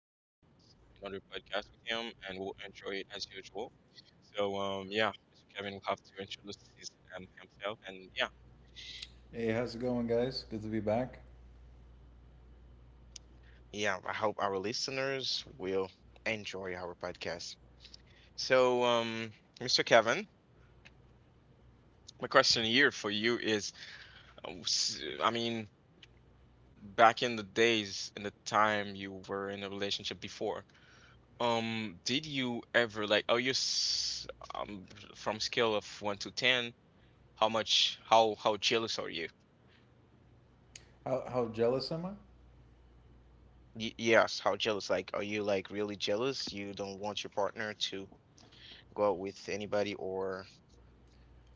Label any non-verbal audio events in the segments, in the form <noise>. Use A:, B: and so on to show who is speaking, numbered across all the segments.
A: podcast with him, and we will enjoy it as usual. Mr. Kevin will have to introduce himself, and yeah.
B: Hey, how's it going, guys? Good to be back.
A: Yeah, I hope our listeners will enjoy our podcast. So, um, Mr. Kevin, my question here for you is, uh, s- I mean, back in the days, in the time you were in a relationship before. Did you ever like are you s um from scale of one to ten, how much how jealous are you?
B: How jealous am I?
A: Y yes, how jealous? Like, are you like really jealous? You don't want your partner to go out with anybody, or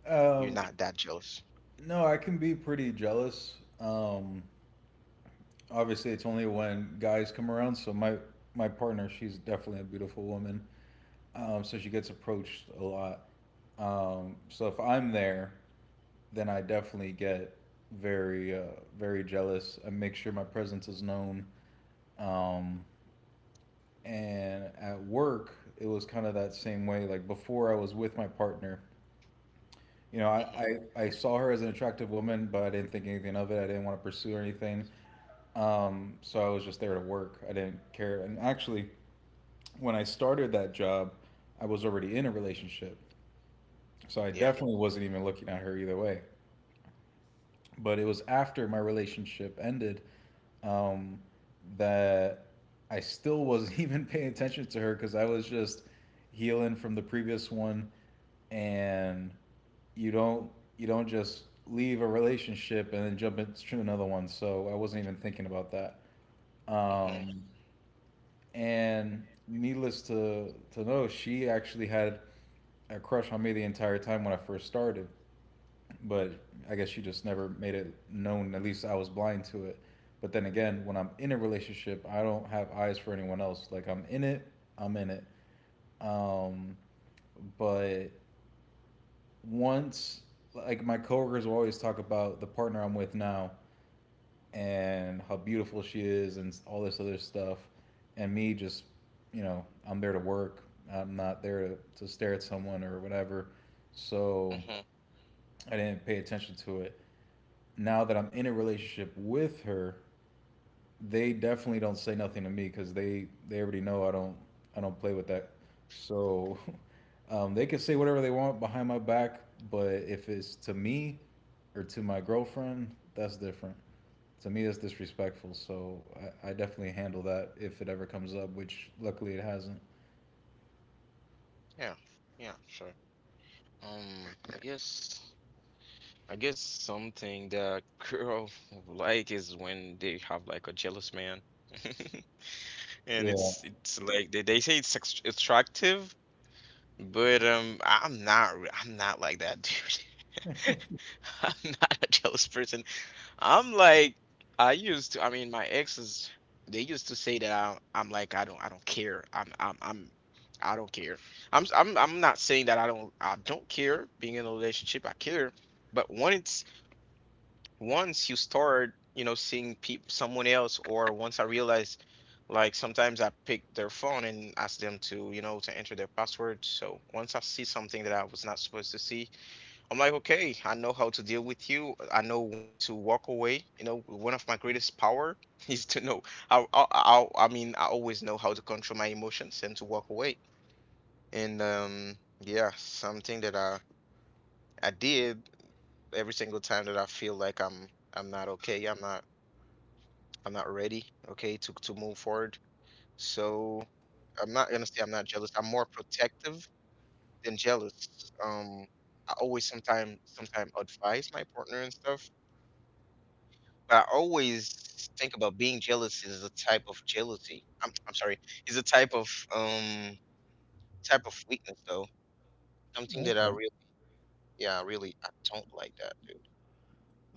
B: Um,
A: you're not that jealous?
B: no, I can be pretty jealous. Obviously, it's only when guys come around. So my partner, she's definitely a beautiful woman. So she gets approached a lot. So if I'm there, then I definitely get very very jealous. I make sure my presence is known. Um, and at work, it was kind of that same way. Like before, I was with my partner. You know, I,
A: hmm
B: I saw her as an attractive woman, but I didn't think anything of it. I didn't want to pursue or anything. So I was just there to work. I didn't care. And actually, when I started that job, I was already in a relationship. So I definitely
A: Yeah.
B: wasn't even looking at her either way, but it was after my relationship ended, um, that I still wasn't <laughs> even paying attention to her because I was just healing from the previous one, and you don't you don't just leave a relationship and then jump into another one. So I wasn't even thinking about that. Um,
A: Mm-hmm.
B: and needless to know, she actually had a crush on me the entire time when I first started, but I guess she just never made it known. At least I was blind to it. But then again, when I'm in a relationship, I don't have eyes for anyone else. Like I'm in it, I'm in it. Um, but once, like my coworkers will always talk about the partner I'm with now and how beautiful she is and all this other stuff, and me just, you know, I'm there to work. I'm not there to stare at someone or whatever. So
A: Mm-hmm.
B: I didn't pay attention to it. Now that I'm in a relationship with her, they definitely don't say nothing to me because they already know I don't, I don't play with that. So <laughs> they can say whatever they want behind my back, but if it's to me or to my girlfriend, that's different. To me, that's disrespectful. So I definitely handle that if it ever comes up, which luckily it hasn't.
A: Yeah. Yeah. Sure. Um, I guess I guess something that girl <laughs> like is when they have like a jealous man. <laughs> And
B: Yeah.
A: it's like they say it's attractive, but I'm not like that, dude. <laughs> I'm not a jealous person. I'm like I used to. I mean, my exes they used to say that I I don't care. I'm I don't care. I'm not saying that I don't care being in a relationship. I care, but once you start, you know, seeing peop someone else, or once I realized, like sometimes I pick their phone and ask them to, you know, to enter their password. So once I see something that I was not supposed to see, I'm like, okay, I know how to deal with you. I know when to walk away. You know, one of my greatest power <laughs> is to know how, I always know how to control my emotions and to walk away. And yeah, something that I did every single time that I feel like I'm not okay. I'm not ready, okay, to move forward. So I'm not gonna say I'm not jealous. I'm more protective than jealous. I always sometimes advise my partner and stuff, but I always think about being jealous is a type of jealousy. I'm sorry, is a um type of weakness though. Something that I
B: Okay.
A: really yeah, I really I don't like that, dude.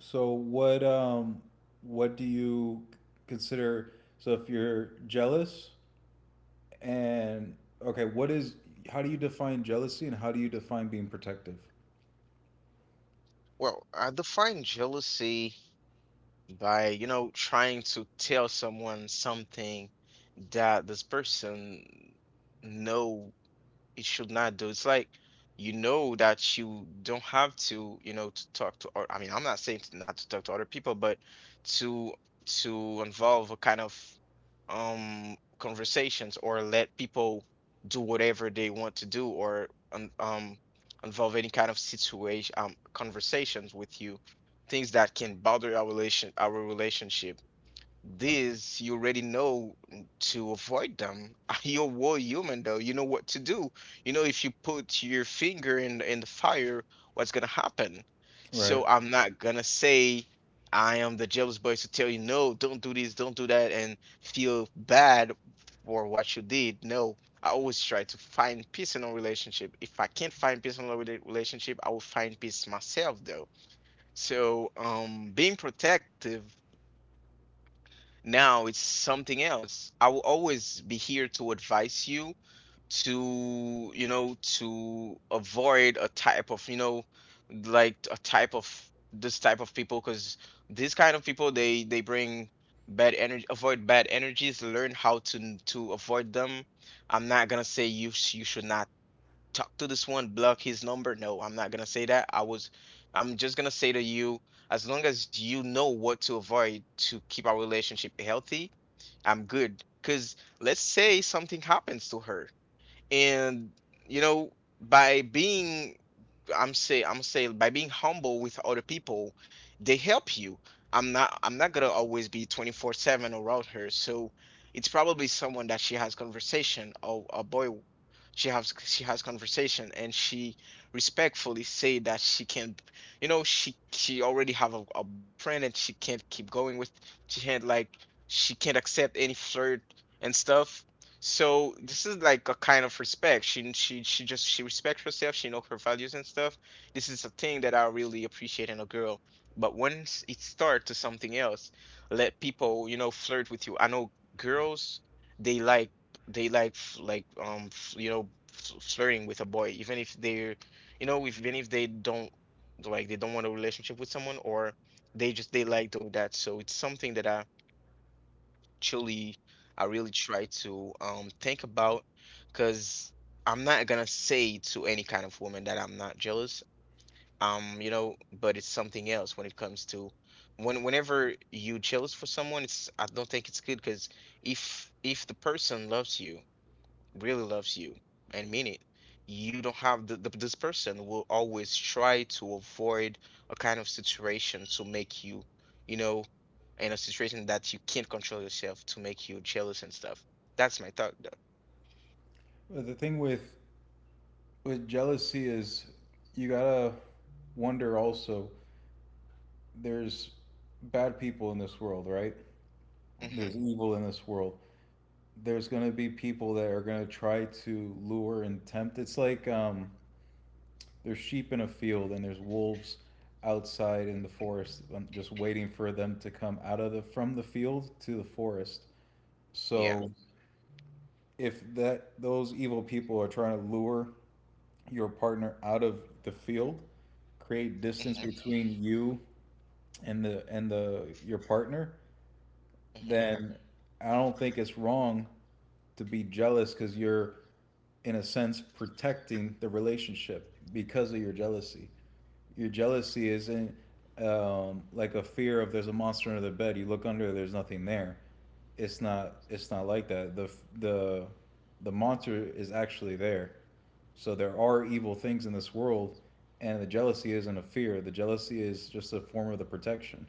B: So what what do you consider? So if you're jealous. And okay, what is how do you define jealousy and how do you define being protective?
A: Well, I define jealousy by you know trying to tell someone something that this person know it should not do. It's like you know that you don't have to, you know, to talk to or I mean, I'm not saying to not to talk to other people, but to to involve a kind of conversations or let people do whatever they want to do or involve any kind of situation conversations with you, things that can bother our relation our relationship. This you already know to avoid them. <laughs> You're a war human though. You know what to do. You know if you put your finger in the fire, what's gonna happen.
B: Right.
A: So I'm not gonna say I am the jealous boy to tell you no, don't do this, don't do that, and feel bad for what you did. No, I always try to find peace in a relationship. If I can't find peace in a relationship, I will find peace myself though. So being protective now it's something else. I will always be here to advise you to, you know, to avoid a type of, you know, like a type of this type of people because these kind of people they bring bad energy, avoid bad energies, learn how to avoid them. I'm not gonna say you should not talk to this one, block his number. No, I'm not gonna say that. I was I'm just gonna say to you as long as you know what to avoid to keep our relationship healthy I'm good. Because let's say something happens to her, and you know, by being, I'm say, by being humble with other people, they help you. I'm not gonna always be 24/7 around her. So it's probably someone that she has conversation or a boy she has conversation and she respectfully say that she can you know she already have a boyfriend and she can't keep going with she can't like she can't accept any flirt and stuff, so this is like a kind of respect, she just she respects herself, she knows her values and stuff. This is a thing that I really appreciate in a girl. But once it starts to something else, let people you know flirt with you. I know girls, they like you know flirting with a boy, even if they're you know if, even if they don't like they don't want a relationship with someone, or they just they like doing that. So it's something that I truly I really try to think about, because I'm not gonna say to any kind of woman that I'm not jealous, you know, but it's something else when it comes to when whenever you jealous for someone, it's I don't think it's good because if the person loves you, really loves you and mean it. You don't have the this person will always try to avoid a kind of situation to make you, you know, in a situation that you can't control yourself to make you jealous and stuff. That's my thought though.
B: But the thing with jealousy is you gotta wonder also, there's bad people in this world, right? There's
A: hmm
B: evil in this world. There's gonna be people that are gonna try to lure and tempt. It's like there's sheep in a field and there's wolves outside in the forest, just waiting for them to come out of the from the field to the forest.
A: Yeah.
B: So if that those evil people are trying to lure your partner out of the field, create distance
A: hmm
B: between you and the your partner,
A: hmm
B: then I don't think it's wrong to be jealous because you're in a sense protecting the relationship because of your jealousy. Your jealousy isn't, like a fear of there's a monster under the bed. You look under, there's nothing there. It's not. It's not like that. The The monster is actually there. So there are evil things in this world, and the jealousy isn't a fear. The jealousy is just a form of the protection.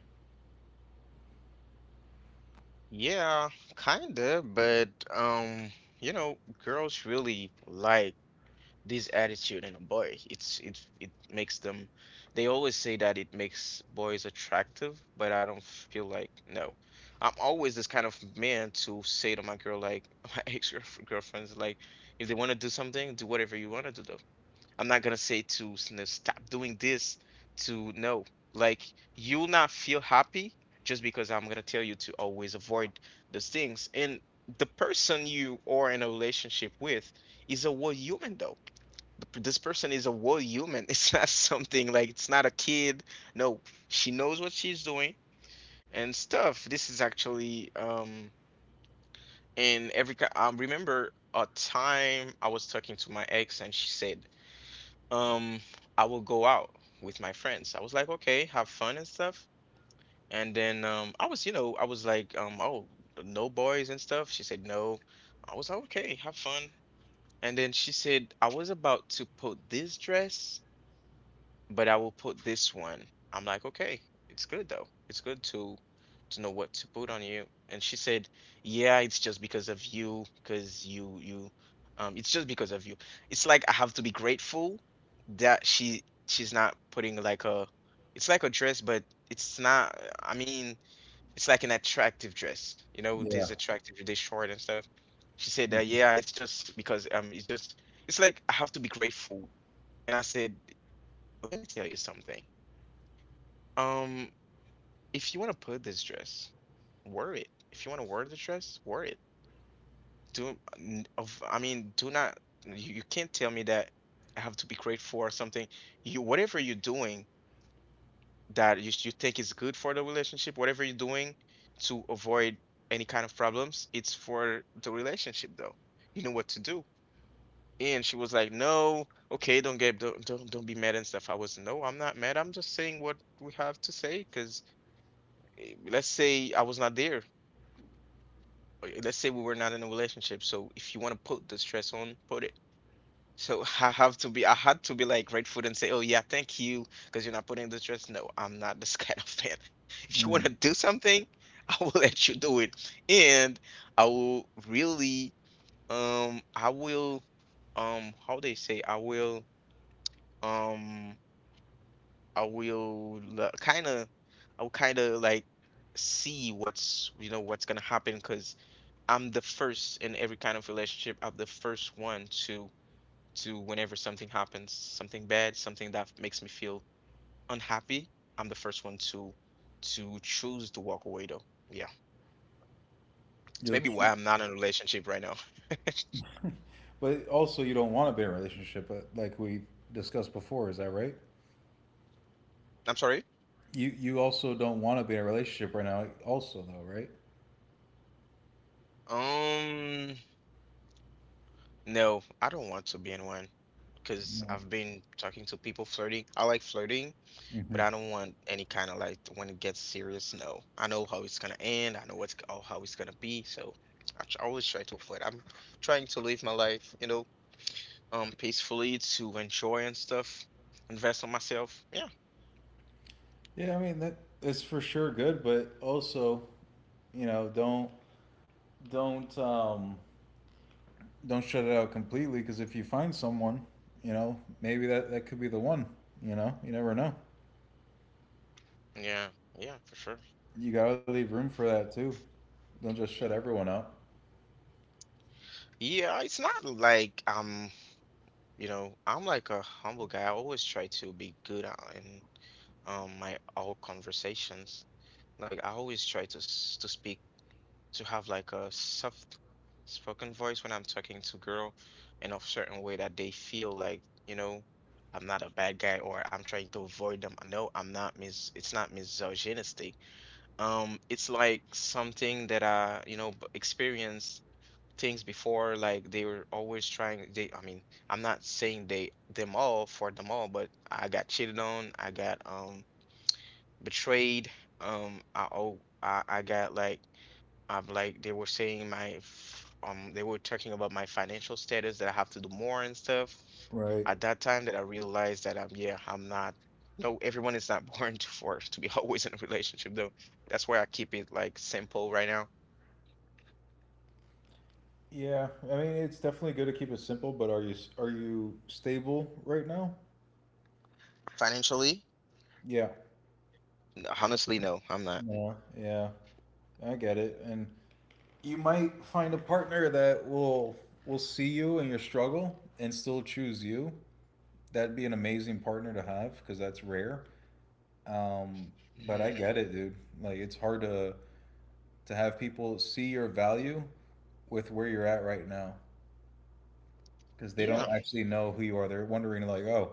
A: Yeah, kinda, but you know, girls really like this attitude in a boy. It makes them. They always say that it makes boys attractive, but I don't feel like no. I'm always this kind of man to say to my girl like <laughs> my ex girlfriends like if they want to do something, do whatever you want to do though. I'm not gonna say to no, stop doing this to no. Like you'll not feel happy just because I'm gonna tell you to always avoid those things and. The person you are in a relationship with is a whole human though, this person is a whole human. <laughs> It's not something like it's not a kid. No, she knows what she's doing and stuff. This is actually in every I remember a time I was talking to my ex and she said, um, I will go out with my friends. I was like, okay, have fun and stuff. And then I was, you know, I was like, oh, no boys and stuff. She said no. I was like, okay, have fun. And then she said, I was about to put this dress but I will put this one. I'm like, okay, it's good though. It's good to know what to put on you. And she said, yeah, it's just because of you, because you it's just because of you. It's like I have to be grateful that she's not putting like a it's like a dress, but it's not I mean, it's like an attractive dress. You know,
B: Yeah.
A: this attractive, this short and stuff. She said that, yeah, it's just because it's just it's like I have to be grateful. And I said, let me tell you something. Um, if you want to put this dress, wear it. If you want to wear the dress, wear it. Do n- of I mean, do not you, you can't tell me that I have to be grateful or something. You whatever you're doing that you think is good for the relationship, whatever you're doing to avoid any kind of problems, it's for the relationship though. You know what to do. And she was like, "No, okay, don't get don't be mad and stuff." I was, "No, I'm not mad. I'm just saying what we have to say because let's say I was not there, okay, let's say we were not in a relationship. So if you want to put the stress on, put it. So <laughs> I had to be like grateful and say, oh yeah, thank you, because you're not putting the stress. No, I'm not this <laughs> kind of fan. <laughs> If you want
B: Mm.
A: to do something, <laughs> I will let you do it, and I will really, um, I will, how they say, um, I will kind of, I will kind of like see what's, you know, what's gonna happen, because. I'm the first in every kind of relationship. I'm the first one to whenever something happens, something bad, something that makes me feel unhappy. I'm the first one to choose to walk away though. Yeah.
B: You'll,
A: It's maybe why I'm not in a relationship right now.
B: but also, you don't want to be in a relationship, like we discussed before. Is that right?
A: <laughs> I'm sorry.
B: You also don't want to be in a relationship right now, also though, right?
A: Um, no, I don't want to be in one
B: Yeah.
A: because I've been talking to people flirting. I like flirting,
B: Hmm.
A: but I don't want any kind of like when it gets serious. No, I know how it's gonna end. I know how it's gonna be. So I always try to avoid. I'm trying to live my life, you know, peacefully, to enjoy and stuff. Invest in myself. Yeah,
B: Yeah, I mean that is for sure good, but also, you know, don't um don't shut it out completely because if you find someone, you know, maybe that that could be the one. You know, you never know.
A: yeah, yeah, for sure.
B: You gotta leave room for that too. Don't just shut everyone out.
A: Yeah, it's not like I'm like a humble guy. I always try to be good in my all conversations. Like I always try to to speak, to have like a soft spoken voice when I'm talking to girl in a certain way that they feel like, you know, I'm not a bad guy or I'm trying to avoid them. No, I'm not mis, it's not misogynistic. It's like something that I, you know, experienced things before, like they were always trying, they I mean, I'm not saying they them all for them all, but I got cheated on, I got betrayed, I got like I like they were saying they were talking about my financial status that I have to do more and stuff.
B: Right.
A: At that time that I realized that yeah, I'm not, no, everyone is not <laughs> born to for to be <laughs> always in a relationship though. That's why I keep it like simple right now.
B: Yeah, I mean it's definitely good to keep it simple, but are you stable right now?
A: Financially?
B: Yeah.
A: Honestly, no, I'm not.
B: Yeah. Yeah, I get it, and you might find a partner that will see you in your struggle and still choose you. That'd be an amazing partner to have because that's rare. Um, but I
A: Hmm.
B: get it, dude. Like it's hard to have people see your value with where you're at right now, because they don't
A: Yeah,
B: actually know who you are. They're wondering like, oh,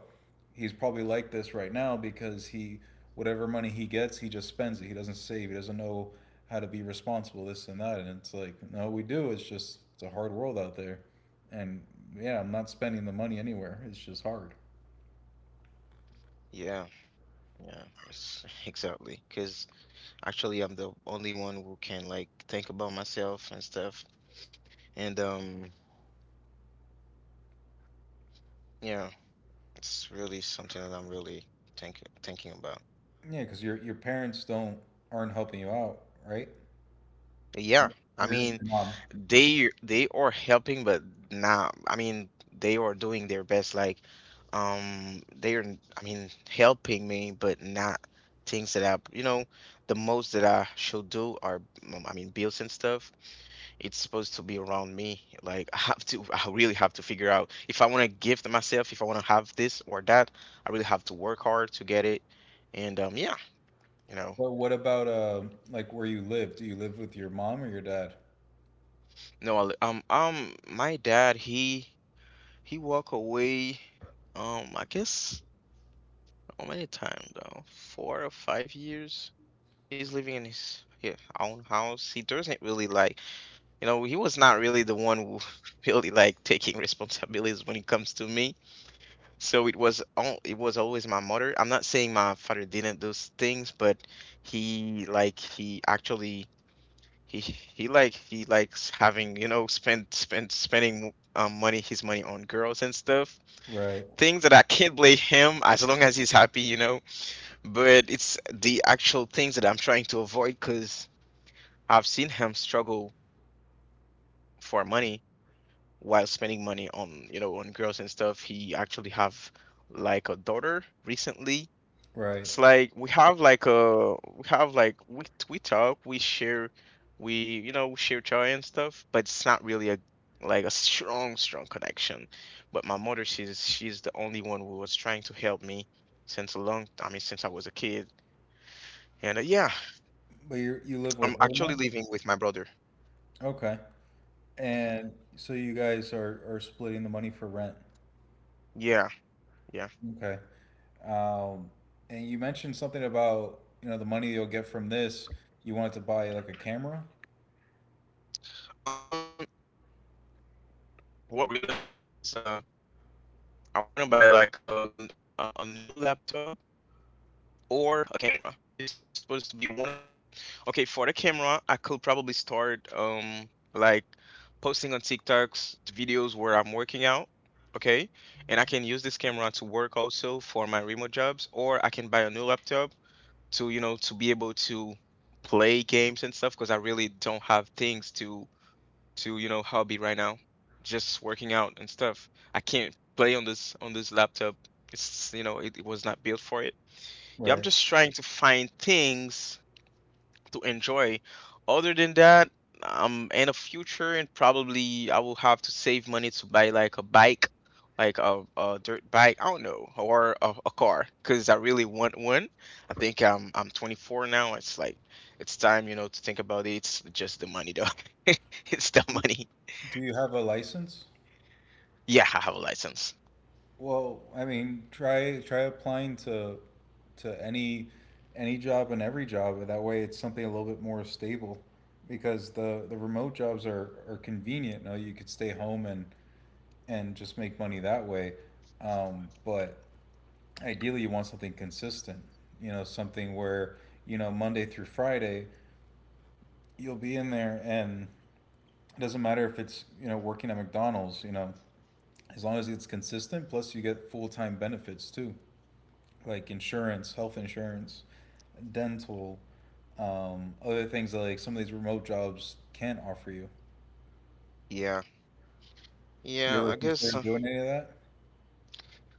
B: he's probably like this right now because he whatever money he gets, he just spends it. He doesn't save. He doesn't know how to be responsible, this and that. And it's like, no, we do. It's just it's a hard world out there, and yeah, I'm not spending the money anywhere. It's just hard.
A: yeah, yeah, <laughs> exactly. Because actually, I'm the only one who can like think about myself and stuff. And yeah, it's really something that I'm really thinking about.
B: Yeah, because your parents don't aren't helping you out, right?
A: Yeah,
B: Or
A: I
B: your,
A: mean
B: your mom.
A: they are helping, but not. I mean they are doing their best. Like, they are. I mean helping me, but not things that I, you know, the most that I should do are, I mean, bills and stuff. It's supposed to be around me. Like <laughs> I really have to figure out if I want to gift myself, if I want to have this or that. I really have to work hard to get it. And yeah, you know.
B: But what about like where you live? Do you live with your mom or your dad?
A: No, my dad, he walk away, I guess how many times now? Four or five years. He's living in his own house. He doesn't really like, you know, he was not really the one who <laughs> really like taking responsibilities when it comes to me. So it was always my mother. I'm not saying my father didn't those things, but he like he actually he like he likes having, you know, spending money, his money, on girls and stuff.
B: Right,
A: Things that I can't blame him as long as he's happy, you know. But it's the actual things that I'm trying to avoid because I've seen him struggle for money while spending money on, you know, on girls and stuff. He actually have like a daughter recently.
B: right.
A: It's like we have like a we have like we talk, we share, we you know we share joy and stuff, but it's not really a like a strong connection. But my mother, she's the only one who was trying to help me since a long, I mean since I was a kid. And yeah.
B: But you live
A: I'm
B: with her
A: actually
B: now?
A: living with my brother.
B: Okay.
A: Mm-hmm.
B: And so you guys are splitting the money for rent.
A: Yeah, yeah.
B: Okay. Um, and you mentioned something about, you know, the money you'll get from this, you wanted to buy like a camera?
A: um what really I want to buy is I want to buy like a new laptop or a camera. It's supposed to be one of them. Okay, for the camera, I could probably start like posting on TikToks videos where I'm working out. Okay, and I can use this camera to work also for my remote jobs, or I can buy a new laptop to, you know, to be able to play games and stuff, because I really don't have things to, you know, hobby right now. Just working out and stuff. I can't play on this laptop. It's, you know, it was not built for it. Yeah, I'm
B: Right.
A: just trying to find things to enjoy. Other than that, in the future, and probably I will have to save money to buy like a bike, like a dirt bike. I don't know, or a car, because I really want one. I think I'm 24 now. It's like it's time, you know, to think about it. It's just the money, though. <laughs> It's the money.
B: Do you have a license?
A: Yeah, I have a license.
B: Well, I mean, try applying to any job and every job. That way it's something a little bit more stable because the remote jobs are convenient. You know, you could stay home and just make money that way. But ideally you want something consistent, you know, something where, you know, Monday through Friday you'll be in there and it doesn't matter if it's, you know, working at McDonald's, you know, as long as it's consistent plus you get full-time benefits too, like insurance, health insurance, dental, other things that, like some of these remote jobs can't offer you.
A: Yeah.
B: You
A: Yeah,
B: ever
A: I
B: consider
A: guess
B: doing any of that?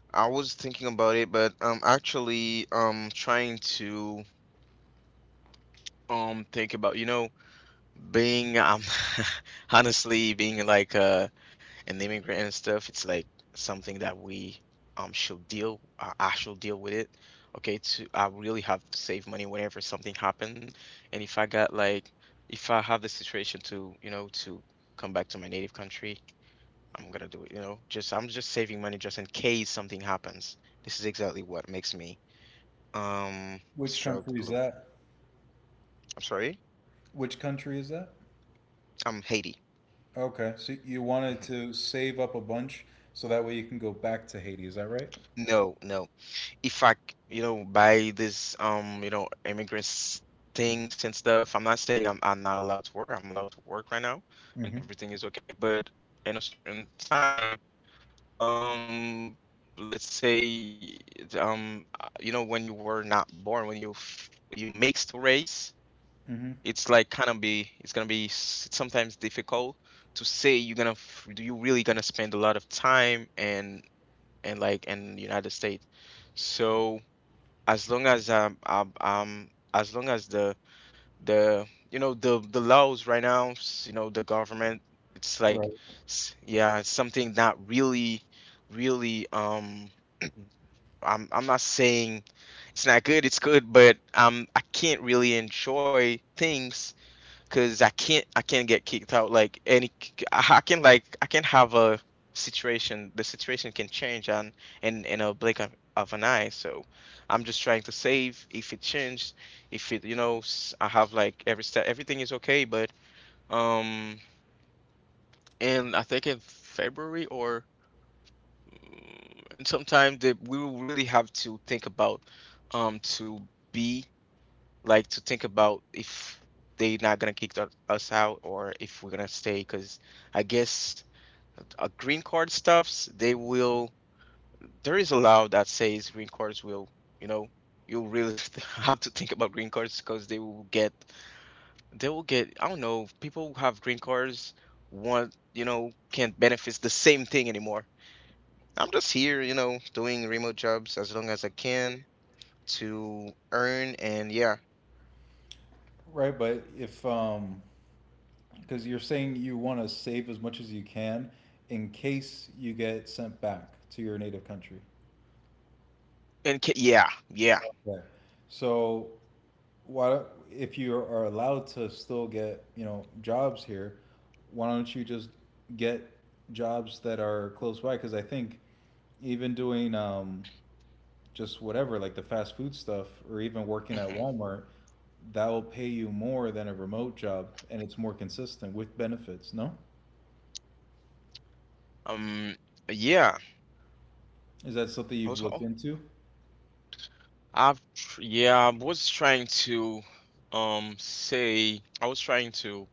A: I was thinking about it, but I'm actually trying to think about, you know, being <laughs> honestly being like an immigrant and stuff. It's like something that we should deal, I should deal with it. Okay, to, I really have to save money whenever something happens, and if I got like, if I have the situation to, you know, to come back to my native country, I'm gonna do it, you know. Just I'm just saving money just in case something happens. This is exactly what makes me um
B: Which country is
A: struggle.
B: that?
A: I'm sorry?
B: Which country is that?
A: I'm Haiti.
B: Okay, so you wanted
A: Mm-hmm.
B: to save up a bunch so that way you can go back to Haiti, is that right?
A: No, no. If I, you know, buy this, you know, immigrants things and stuff, I'm not saying I'm not allowed to work. I'm allowed to work right now, and
B: Hmm.
A: everything is okay. But in a certain time, um, let's say, you know, when you were not born, when you when you mixed race,
B: Mm-hmm.
A: it's like kind of be, it's gonna be sometimes difficult to say you're gonna, do you really gonna spend a lot of time and like in the United States. So as long as the, you know, the laws right now, you know, the government, it's like,
B: Right.
A: yeah, it's something not really really <clears throat> I'm not saying it's not good, it's good, but I can't really enjoy things because I can't get kicked out like any. I can like I can have a situation, the situation can change on in a blink of an eye. So I'm just trying to save if it changes, if it, you know, I have like every step, everything is okay, but um and I think in February or, mm, and sometime that we will really have to think about to be, like to think about if they are not gonna kick us out or if we're gonna stay. Because I guess green card stuffs, they will. There is a law that says green cards will, you know, you'll really <laughs> have to think about green cards because they will get. I don't know. People who have green cards want, you know, can't benefits the same thing anymore. I'm just here, you know, doing remote jobs as long as I can to earn. And yeah,
B: Right, but if because you're saying you want to save as much as you can in case you get sent back to your native country.
A: and yeah, yeah.
B: Right. So why if you are allowed to still get, you know, jobs here, why don't you just get jobs that are close by? Because I think even doing just whatever, like the fast food stuff, or even working at
A: Mm-hmm.
B: Walmart, that will pay you more than a remote job, and it's more consistent with benefits. No,
A: Um, yeah,
B: is that something
A: I
B: you've
A: was,
B: looked
A: oh,
B: into?
A: I've, tr- yeah, I was trying to, I was trying to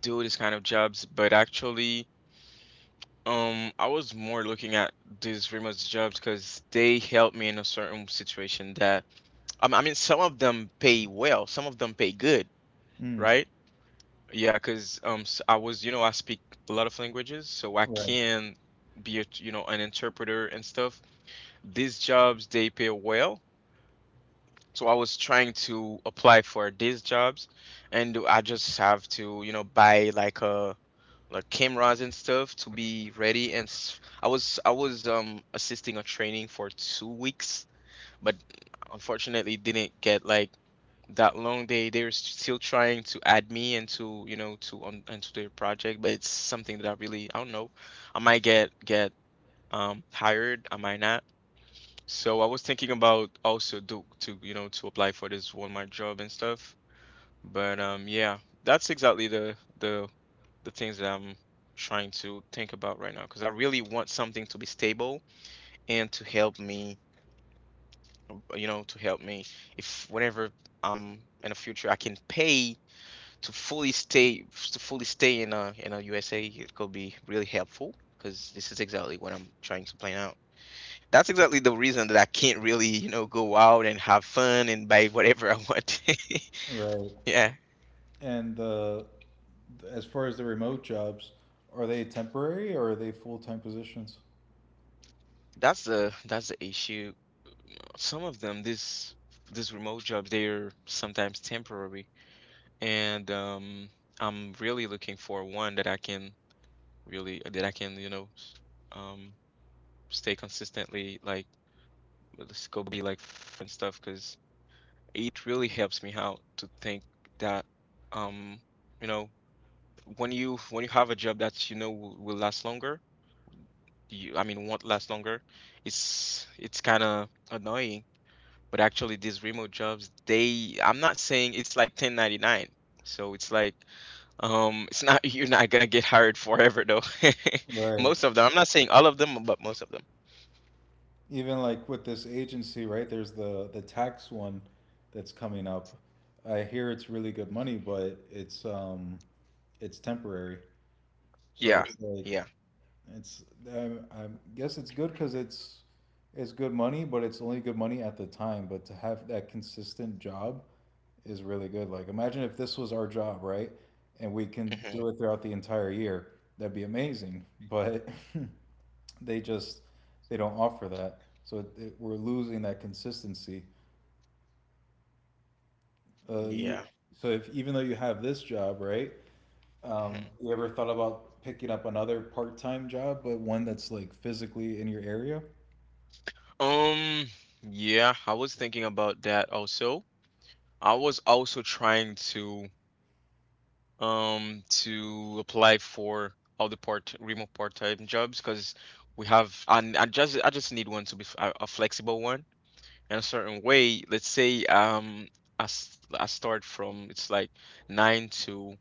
A: do this kind of jobs, but actually, I was more looking at these remote jobs because they help me in a certain situation that, I mean, some of them pay well, some of them pay good,
B: Mm,
A: right? Yeah, because, I was, you know, I speak a lot of languages, so I
B: right,
A: can be a, you know, an interpreter and stuff. These jobs, they pay well. So I was trying to apply for these jobs, and I just have to, you know, buy like a like cameras and stuff to be ready. And I was assisting a training for two weeks, but unfortunately didn't get like that long. They, they're still trying to add me into, you know, to on into their project, but it's something that I really I don't know. I might get hired, I might not. So I was thinking about also do to you know to apply for this Walmart job and stuff. But yeah, that's exactly the things that I'm trying to think about right now, because I really want something to be stable and to help me, you know, to help me if whenever I'm in the future I can pay to fully stay in a USA. It could be really helpful because this is exactly what I'm trying to plan out. That's exactly the reason that I can't really, you know, go out and have fun and buy whatever I want. <laughs>
B: right.
A: Yeah,
B: And the as far as the remote jobs, are they temporary or are they full time positions?
A: that's the issue. Some of them, this remote jobs, they're sometimes temporary, and I'm really looking for one that I can really that I can, you know, s- um, stay consistently like let's go be like f- and stuff because it really helps me out to think that um, you know. when you have a job that you know will last longer, you I mean won't last longer, it's kind of annoying. But actually, these remote jobs, they I'm not saying it's like 1099. So it's like <laughs> it's not you're not gonna get hired forever though. <laughs>
B: Right.
A: Most of them. I'm not saying all of them, but most of them.
B: Even like with this agency, right? There's the tax one that's coming up. I hear it's really good money, but it's temporary. So
A: Yeah.
B: it's like
A: Yeah.
B: it's I, I guess it's good because it's good money, but it's only good money at the time. But to have that consistent job is really good. Like imagine if this was our job, right? And we can
A: hmm
B: do it throughout the entire year. That'd be amazing. But <laughs> they just they don't offer that, so we're losing that consistency.
A: Yeah.
B: You so if even though you have this job, right?
A: Mhm.
B: You ever thought about picking up another part-time job, but one that's like physically in your area?
A: Um, yeah, I was thinking about that also. I was also trying to apply for all the part remote part-time jobs because we have. And I just need one to be a flexible one in a certain way. Let's say I start from. It's like nine to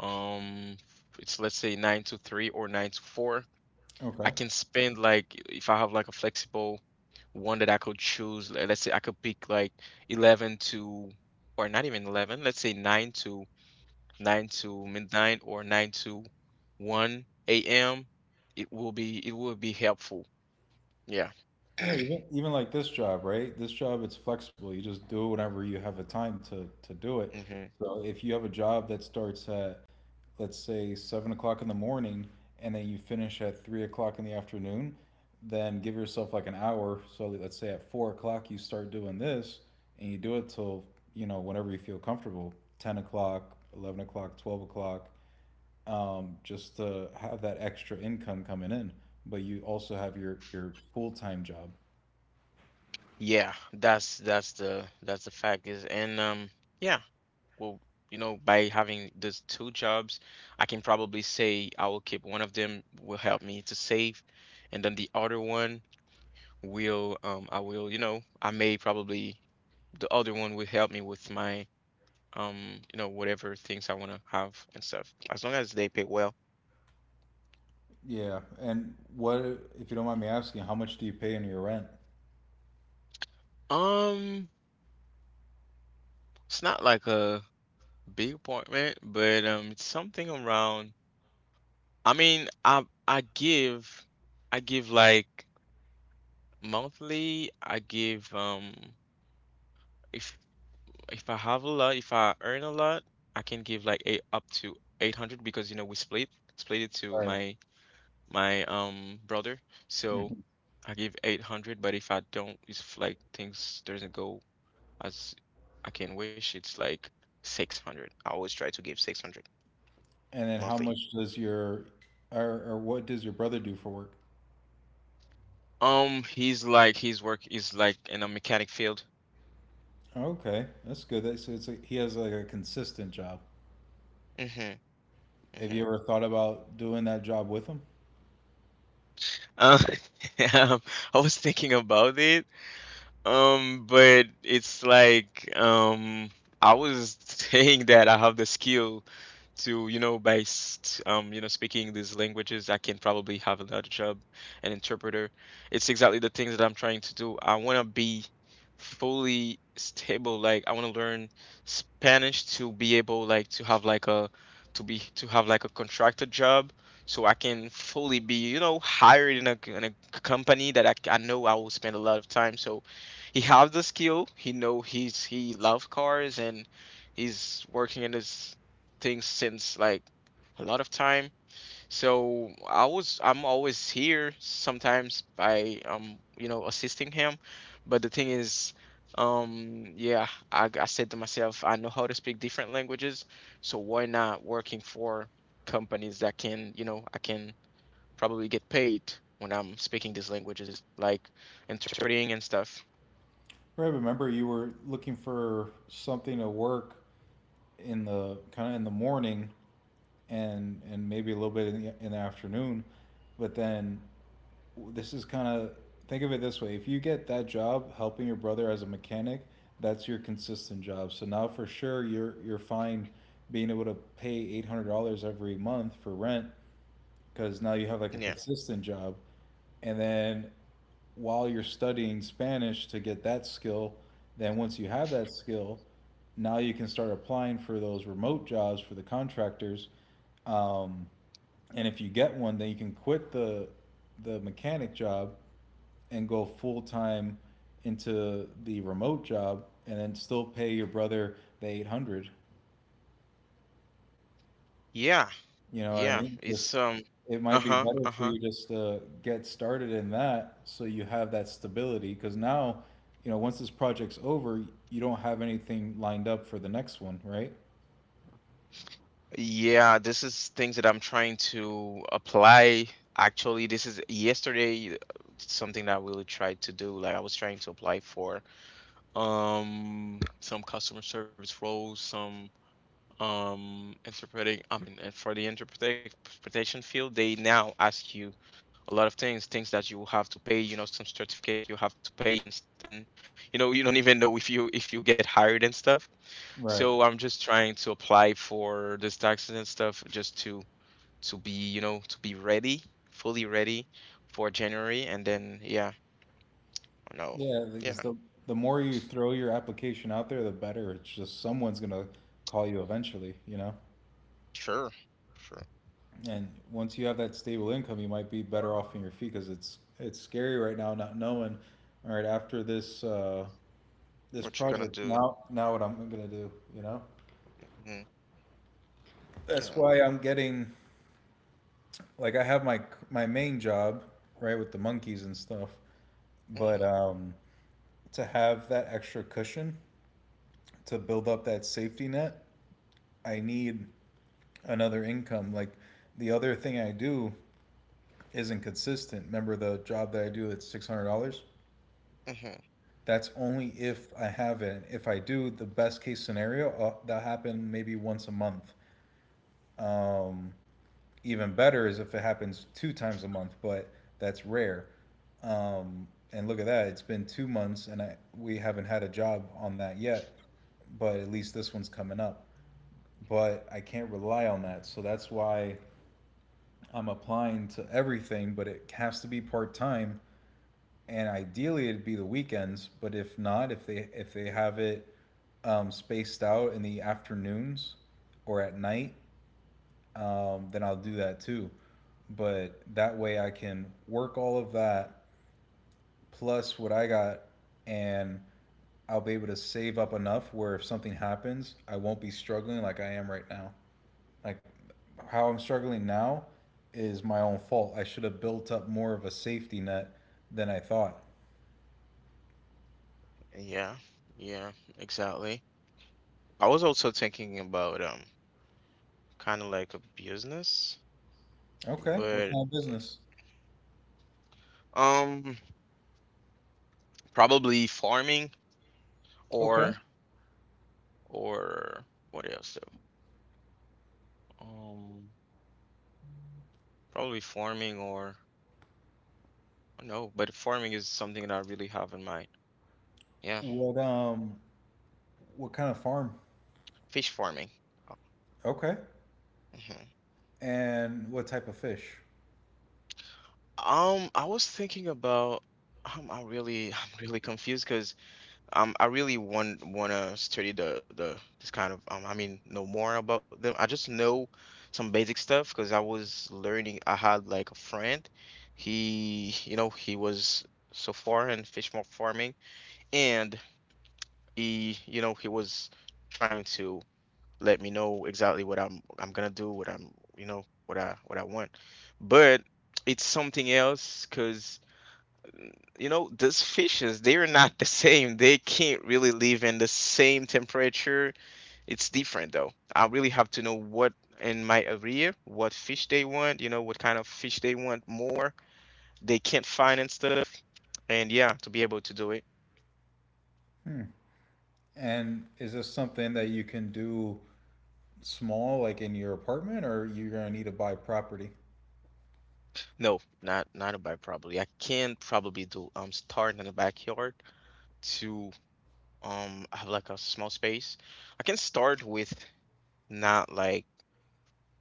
A: um it's, let's say, nine to three or nine to four. I
B: Okay.
A: can spend like if I have like a flexible one that I could choose. Let's say I could pick like 11 to, or not even 11. Let's say nine to 9 to midnight or 9 to 1 a.m. It will be helpful. Yeah.
B: Yeah, even even like this job, right? This job it's flexible. You just do it whenever you have a time to do
A: <clears throat>
B: it.
A: hmm
B: So if you have a job that starts at, let's say, 7 o'clock in the morning and then you finish at 3 o'clock in the afternoon, then give yourself like an hour. So let's say at 4 o'clock you start doing this and you do it till, you know, whenever you feel comfortable, 10 o'clock, 11 o'clock, 12 o'clock. Um, just to have that extra income coming in. But you also have your full time job.
A: Yeah, that's the fact is. And yeah, well, you know, by having those two jobs, I can probably say I will keep one of them will help me to save, and then the other one will I will, you know, I may probably the other one will help me with my whatever things I want to have and stuff. As long as they pay well.
B: Yeah, and what if you don't mind me asking, how much do you pay in your rent?
A: Um, it's not like a big apartment, but it's something around. I mean, I give like monthly. I give if I have a lot, if I earn a lot, I can give like eight, up to 800, because you know we split it to
B: Right.
A: my brother. So
B: Mhm.
A: I give 800, but if I don't, if like things doesn't go as I can wish, it's like 600. I always try to give 600.
B: And then how
A: Monthly.
B: much does your or what does your brother do for work?
A: He's like his work is like in a mechanic field.
B: Okay, that's good. That's, so it's like he has like a consistent job.
A: Mm-hmm.
B: Have
A: Mm-hmm.
B: you ever thought about doing that job with him?
A: Um, <laughs> um, I was thinking about it. But it's like I was <laughs> saying that I have the skill to, you know, you know, speaking these languages, I can probably have another job, an interpreter. It's exactly the things that I'm trying to do. I want to be fully stable. Like I want to learn Spanish to be able like to have like a, to have like a contracted job so I can fully be, you know, hired in a company that I know I will spend a lot of time. So he have the skill. He know he love cars, and he's working in his things since like a lot of time. So I'm always here sometimes by you know assisting him. But the thing is um yeah I said to myself I know how to speak different languages, so why not working for companies that can, you know, I can probably get paid when I'm speaking these languages like interpreting and stuff.
B: Right, remember you were looking for something to work in the morning and maybe a little bit in the afternoon. But then this is kind of think of it this way: if you get that job helping your brother as a mechanic, that's your consistent job. So now for sure you're fine being able to pay $800 every month for rent, because now you have
A: Yeah.
B: like a consistent job. And then while you're studying Spanish to get that skill, then once you have that skill, now you can start applying for those remote jobs for the contractors. um, and if you get one, then you can quit the mechanic job and go full time into the remote job, and then still pay your brother the 800.
A: Yeah,
B: You know
A: yeah.
B: what I mean?
A: It's
B: Just,
A: um.
B: it might be
A: Uh-huh,
B: better
A: uh-huh.
B: for you just to get started in that, so you have that stability. Because now, you know, once this project's over, you don't have anything lined up for the next one, right?
A: Yeah, this is things that I'm trying to apply. Actually, this is yesterday, something that I really tried to do. Like I was trying to apply for some customer service roles, some interpreting I mean and for the interpretation field, they now ask you a lot of things, things that you have to pay, you know, some certificate you have to pay, and you know, you don't even know if you get hired and stuff.
B: Right.
A: So I'm just trying to apply for this taxes and stuff just to be, you know, to be ready, fully ready for January. And then yeah, no.
B: Yeah, because
A: Yeah,
B: the more you throw your application out there, the better. It's just, someone's gonna call you eventually, you know?
A: sure. Sure.
B: And once you have that stable income, you might be better off in your feet, because it's scary right now not knowing. All right, after this
A: What you gonna
B: project,
A: do?
B: now what I'm gonna do, you know?
A: hmm
B: That's
A: Yeah.
B: why I'm getting, like, I have my main job, right, with the monkeys and stuff, but
A: hmm
B: to have that extra cushion, to build up that safety net, I need another income. Like, the other thing I do isn't consistent. Remember the job that I do, it's $600?
A: hmm
B: That's only if I have it. If I do, the best case scenario, that happen maybe once a month. Um, Even better is if it happens 2 times a month, but that's rare. And look at that, it's been 2 months and we haven't had a job on that yet, but at least this one's coming up. But I can't rely on that. So that's why I'm applying to everything, but it has to be part time. And ideally, it'd be the weekends. But if not, if they have it spaced out in the afternoons or at night, then I'll do that too. But that way I can work all of that plus what I got, and I'll be able to save up enough where if something happens, I won't be struggling like I am right now. Like, how I'm struggling now is my own fault. I should have built up more of a safety net than I thought.
A: Yeah. Yeah, exactly. I was also thinking about kind of like a business,
B: Okay, what
A: but
B: kind of business?
A: um probably farming,
B: Okay.
A: or or what else though? Um probably farming or. No, but farming is something that I really have in mind. Yeah,
B: What um what kind of farm?
A: fish farming. Oh,
B: Okay.
A: mhm.
B: And what type of fish?
A: I was thinking about I really <laughs> I'm really confused because I really want wanna study the this kind of know more about them. I just know some basic stuff because I was learning. I had like a friend, he you know he was so far in farming, and he you know he was trying to, let me know exactly what I'm gonna do, what I'm you know, what I want. But it's something else because you know those fishes they're not the <laughs> same. They can't really live in the same temperature. It's different though. I really have to know what in my area what fish they want. You know, what kind of fish they want more. They can't find and stuff. And yeah, to be able to do it.
B: And is this something that you can do small, like in your apartment, or you're gonna need to buy property?
A: No, not not a bike probably. I can probably do start in the backyard to. I have like a small space. I can start with not like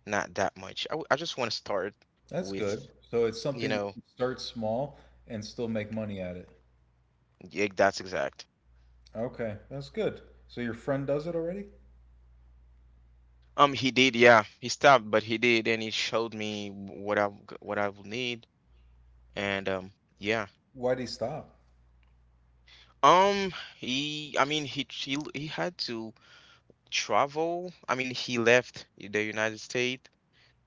A: not that much. I just want to start
B: That's
A: with,
B: good. So it's
A: you
B: something that
A: know.
B: you can start small and still make money at it.
A: Yeah, that's exact.
B: Okay, that's good. So your friend does it already?
A: He did, yeah, he stopped, but he did, and he showed me what what I will need, and yeah.
B: Why'd he stop?
A: Um, he had to travel. I mean, he left the United States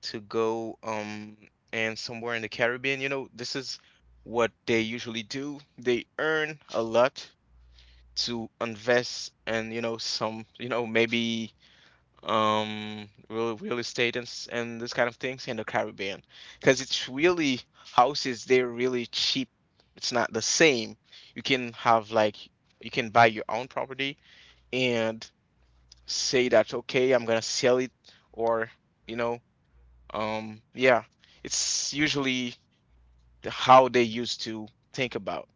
A: to go and somewhere in the Caribbean. You know, this is what they usually do. They earn a lot to invest, and you know some, you know, maybe real estate and this kind of things in the Caribbean because it's really, houses they're really cheap. It's not the same. You can have like you can buy your own property and say that, okay, I'm gonna sell it, or you know, yeah, it's usually how they used to think about.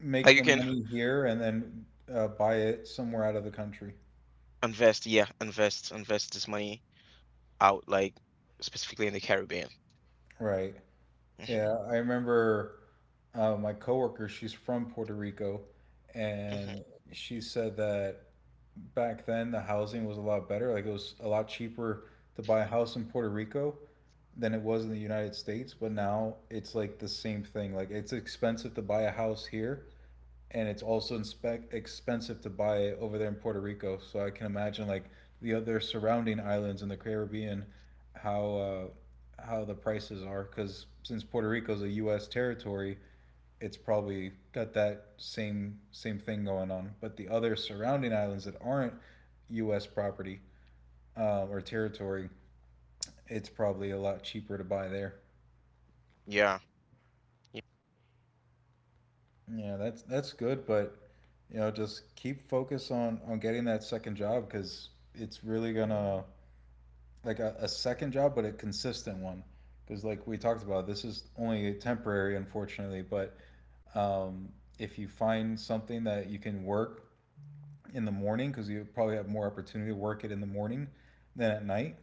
B: Make
A: Like you
B: the
A: can
B: money here and then buy it somewhere out of the country.
A: invest this money out, like specifically in the Caribbean.
B: Right. Yeah,
A: hmm
B: I remember my coworker, she's from Puerto Rico,
A: hmm
B: and she said that back then the housing was a lot better. Like, it was a lot cheaper to buy a house in Puerto Rico than it was in the United States, but now it's like the same thing. Like, it's expensive to buy a house here and it's also inspe- expensive to buy it over there in Puerto Rico. So I can imagine, like, the other surrounding islands in the Caribbean, how how the prices are. Because since Puerto Rico is a U.S. territory, it's probably got that same thing going on. But the other surrounding islands that aren't U.S. property or territory, it's probably a lot cheaper to buy there.
A: Yeah, y-
B: Yeah, that's good, but, you know, just keep focus on getting that second job, because it's really gonna, like a second job, but a consistent one. Because like we talked about, this is only temporary, unfortunately. But um, if you find something that you can work in the morning, because you probably have more opportunity to work it in the morning than at night,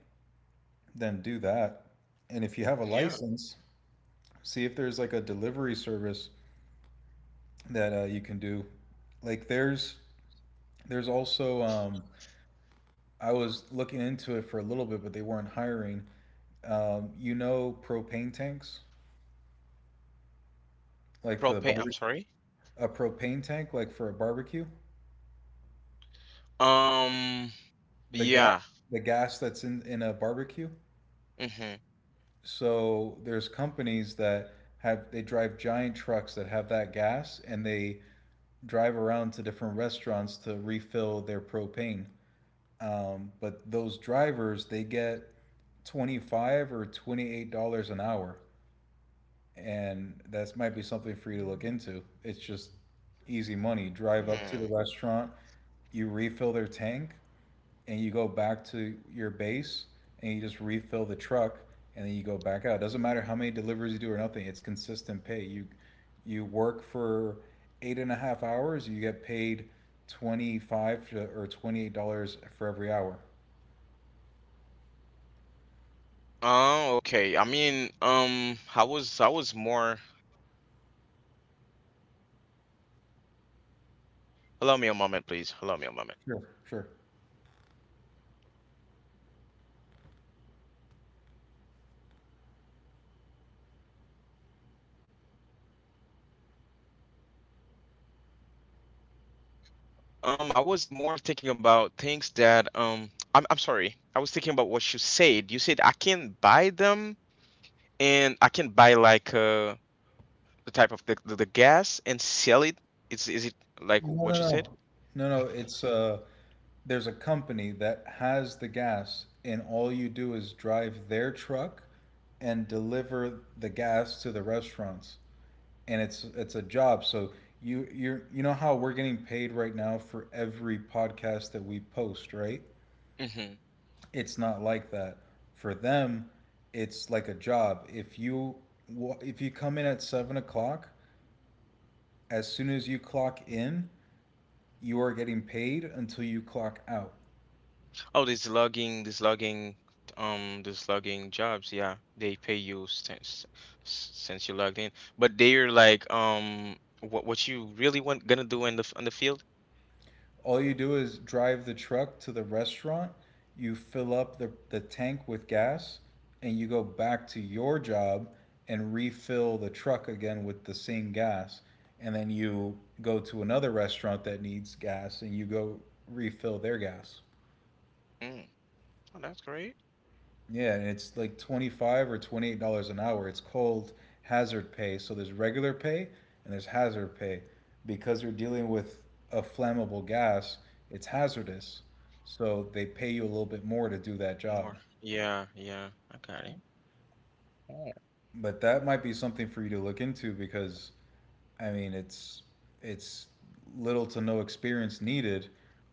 B: then do that. And if you have a
A: yeah.
B: license, see if there's like a delivery service that you can do. Like, there's also I was looking into it for a little bit, but they weren't hiring. You know, propane tanks, like for the
A: Propane. I'm
B: barbecue,
A: sorry.
B: a propane tank, like for a barbecue,
A: Um,
B: the gas,
A: yeah.
B: the gas that's in a barbecue.
A: Mm-hmm.
B: So there's companies that have, they drive giant trucks that have that gas, and they drive around to different restaurants to refill their propane. But those drivers, they get twenty 5 or 28 dollars an hour, and that might be something for you to look into. It's just easy money. Drive up to the
A: Hmm.
B: restaurant, you refill their tank, and you go back to your base, and you just refill the truck, and then you go back out. It doesn't matter how many deliveries you do or nothing. It's consistent pay. You work for eight and a half hours, you get paid twenty 5 or 28 dollars for every hour.
A: Oh, okay. I mean, I was more. Allow me a moment, please. Allow me a moment.
B: Sure, sure.
A: I was more thinking about things that I'm sorry. I was thinking about what you said. You said I can buy them, and I can buy like the type of the gas and sell it. Is it like
B: No, no,
A: what you said?
B: no, no, no.
A: <laughs>
B: It's there's a company that has the gas and all you do is drive their truck and deliver the gas to the restaurants, and it's a job. So you know how we're getting paid right now for every podcast that we post, right?
A: hmm
B: It's not like that for them. It's like a job. If you come in at 7 o'clock, as soon as you clock in, you are getting paid until you clock out.
A: Oh, this logging jobs. Yeah, they pay you since you logged in. But they're like, what you really want gonna do in the on the field?
B: All you do is drive the truck to the restaurant, you fill up the tank with gas, and you go back to your job and refill the truck again with the same gas. And then you go to another restaurant that needs gas and you go refill their gas.
A: Mm. Oh, that's great.
B: Yeah, and it's like twenty 5 or 28 dollars an hour. It's called hazard pay. So there's regular pay and there's hazard pay. Because you're dealing with a flammable gas, it's hazardous. So they pay you a little bit more to do that job.
A: More. Yeah, yeah, I got it. Oh,
B: But that might be something for you to look into because, I mean, it's little to no experience needed.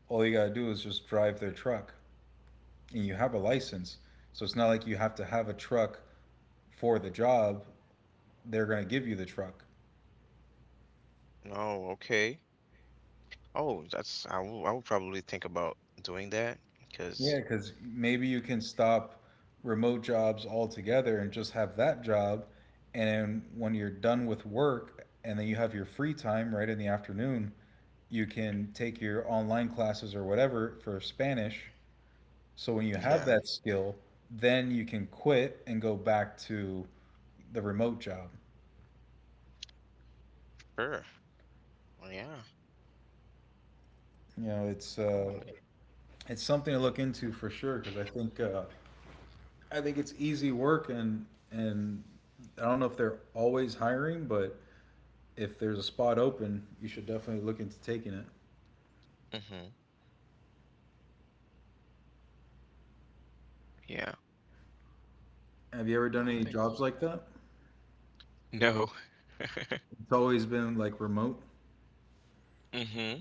B: All you gotta do is just drive their truck. And you have a license, so it's not like you have to have a truck for the job. They're going to give you the truck.
A: oh, okay. Oh, that's, I will, I will probably think about doing that
B: Yeah,
A: because
B: because maybe you can stop remote jobs altogether and just have that job. And then when you're done with work and then you have your free time right in the afternoon, you can take your online classes or whatever for Spanish. So when you have
A: yeah,
B: that skill, then you can quit and go back to the remote job.
A: sure. Well, yeah,
B: You know,
A: probably.
B: it's something to look into for sure, because I think it's easy work, and I don't know if they're always hiring, but if there's a spot open, you should definitely look into taking it.
A: Mm-hmm. Yeah,
B: Have you ever
A: no,
B: done
A: I'll
B: any
A: think
B: jobs
A: about.
B: like that?
A: No. <laughs>
B: It's always been like remote.
A: Mm-hmm.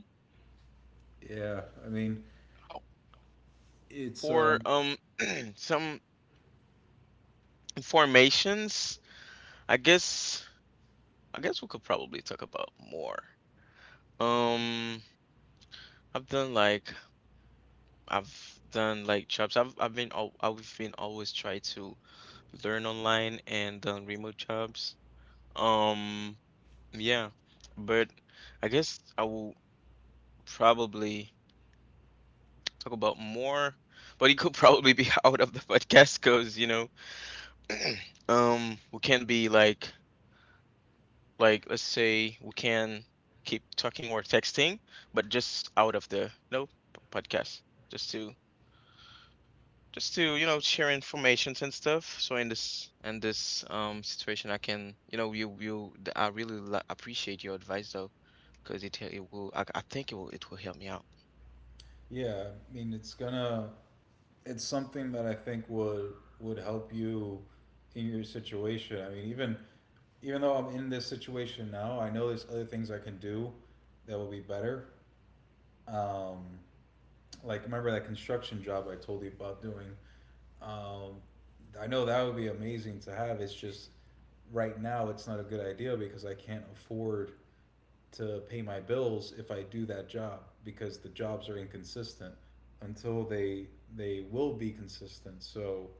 B: Yeah, I mean, it's
A: For <clears throat> some formations, I guess, we could probably talk about more. Um, I've done like I've done like jobs. I've been always try to learn online and done remote jobs. Um, yeah, but I guess I will probably talk about more, but it could probably be <laughs> out of the podcast because you know, <clears throat> we can't be like. Like, let's say we can keep talking or texting, but just out of the, you know, podcast, just to, just to, you know, share informations and stuff. So in this situation, I can, you know, I really appreciate your advice though, because it will, I think it will, it will help me out.
B: yeah, I mean, it's gonna, it's something that I think would help you in your situation. I mean, even though I'm in this situation now, I know there's other things I can do that will be better. Um, Like, remember that construction job I told you about doing? Um, I know that would be amazing to have. It's just right now it's not a good idea because I can't afford to pay my bills if I do that job, because the jobs are inconsistent until they will be consistent. So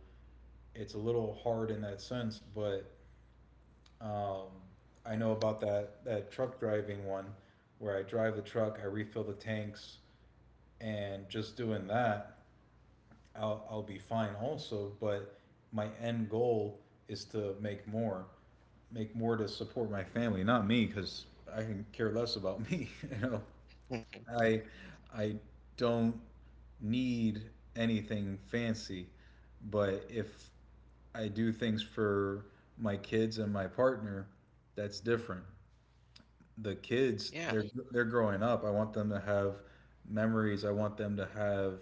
B: it's a little hard in that sense, but um, I know about that truck driving one, where I drive the truck, I refill the tanks, and just doing that I'll be fine also, but my end goal is to make more to support my family, not me, because I can care less about me. <laughs> You know,
A: Mm,
B: I I don't need anything fancy, but if I do things for my kids and my partner, that's different. The kids,
A: yeah,
B: they're growing up. I want them to have memories, I want them to have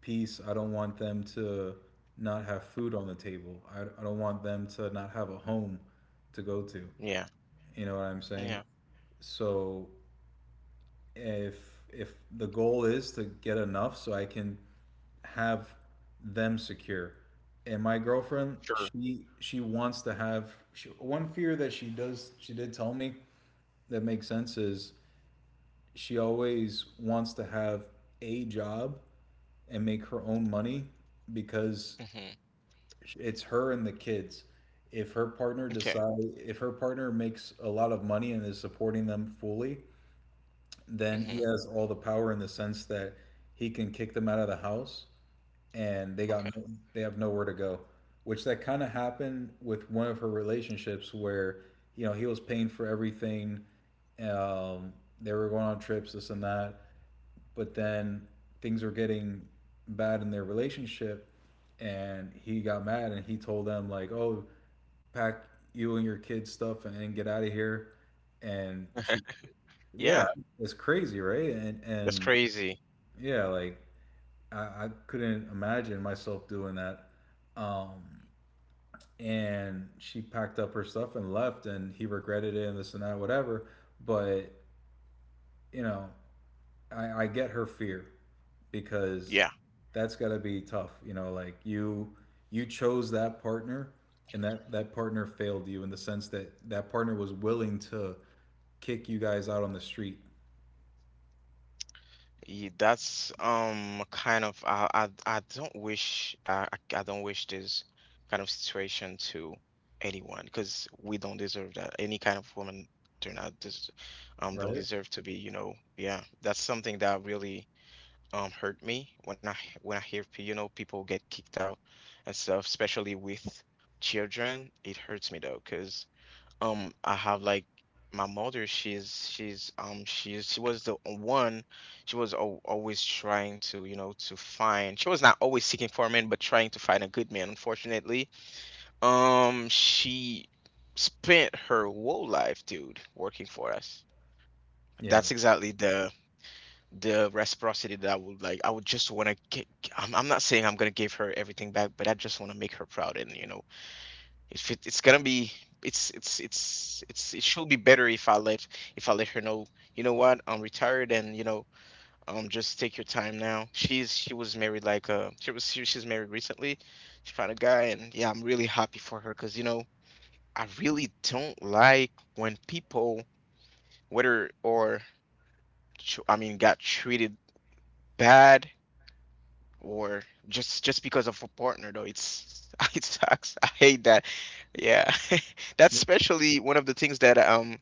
B: peace, I don't want them to not have food on the table, I don't want them to not have a home to go to,
A: yeah,
B: you know what I'm
A: yeah,
B: saying? So if the goal is to get enough so I can have them secure. And my girlfriend,
A: sure.
B: she wants to have, one fear that she did tell me, that makes sense, is she always wants to have a job and make her own money, because
A: hmm
B: it's her and the kids. If her partner
A: Okay.
B: decide, if her partner makes a lot of money and is supporting them fully, then
A: hmm
B: he has all the power, in the sense that he can kick them out of the house and they
A: Okay.
B: got no, they have nowhere to go. Which that kind of happened with one of her relationships where he was paying for everything. Um, they were going on trips, this and that, but then things were getting bad in their relationship and he got mad and he told them like, "Oh, pack you and your kids stuff and get out of here." And she
A: Yeah,
B: yeah it's crazy, right? and
A: that's
B: and
A: crazy.
B: yeah, like I couldn't imagine myself doing that. um and she packed up her stuff and left and he regretted it and this and that, whatever. But you know I get her fear because
A: Yeah.
B: that's got to be tough. You know, like you chose that partner and that partner failed you in the sense that that partner was willing to kick you guys out on the street.
A: Yeah, that's kind of I don't wish, I don't wish this kind of situation to anyone because we don't deserve that. Any kind of woman do not des don't
B: Right.
A: deserve to be, you know, yeah. That's something that really hurt me when when I hear you know, people get kicked out and stuff, especially with children. It hurts me though because. I have like my mother, she was the one, she was al always trying to, you know, to find. She was not always seeking for a man, but trying to find a good man, unfortunately. She spent her whole life, dude, working for us.
B: Yeah.
A: That's exactly the reciprocity that I would like. I would just want to get, I'm not saying I'm gonna give her everything back, but I just want to make her proud, and if it, it's gonna be, it's it should be better if I let her know. You know what? I'm retired, and just take your time now. She's she was married like she was she, she's married recently. She found a guy, and yeah, I'm really happy for her because I really don't like when people whether or I mean got treated bad or just because of a partner though. It's <laughs> it sucks. I hate that. Yeah. <laughs> That's especially one of the things that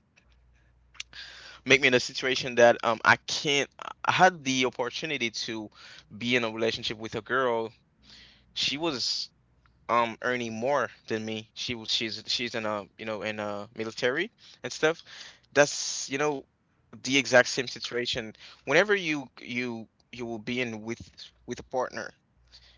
A: make me in a situation that I can't I had the opportunity to be in a relationship with a girl. She was earning more than me. She was she's she's in a in a military and stuff. That's, you know, the exact same situation whenever you will be in with a partner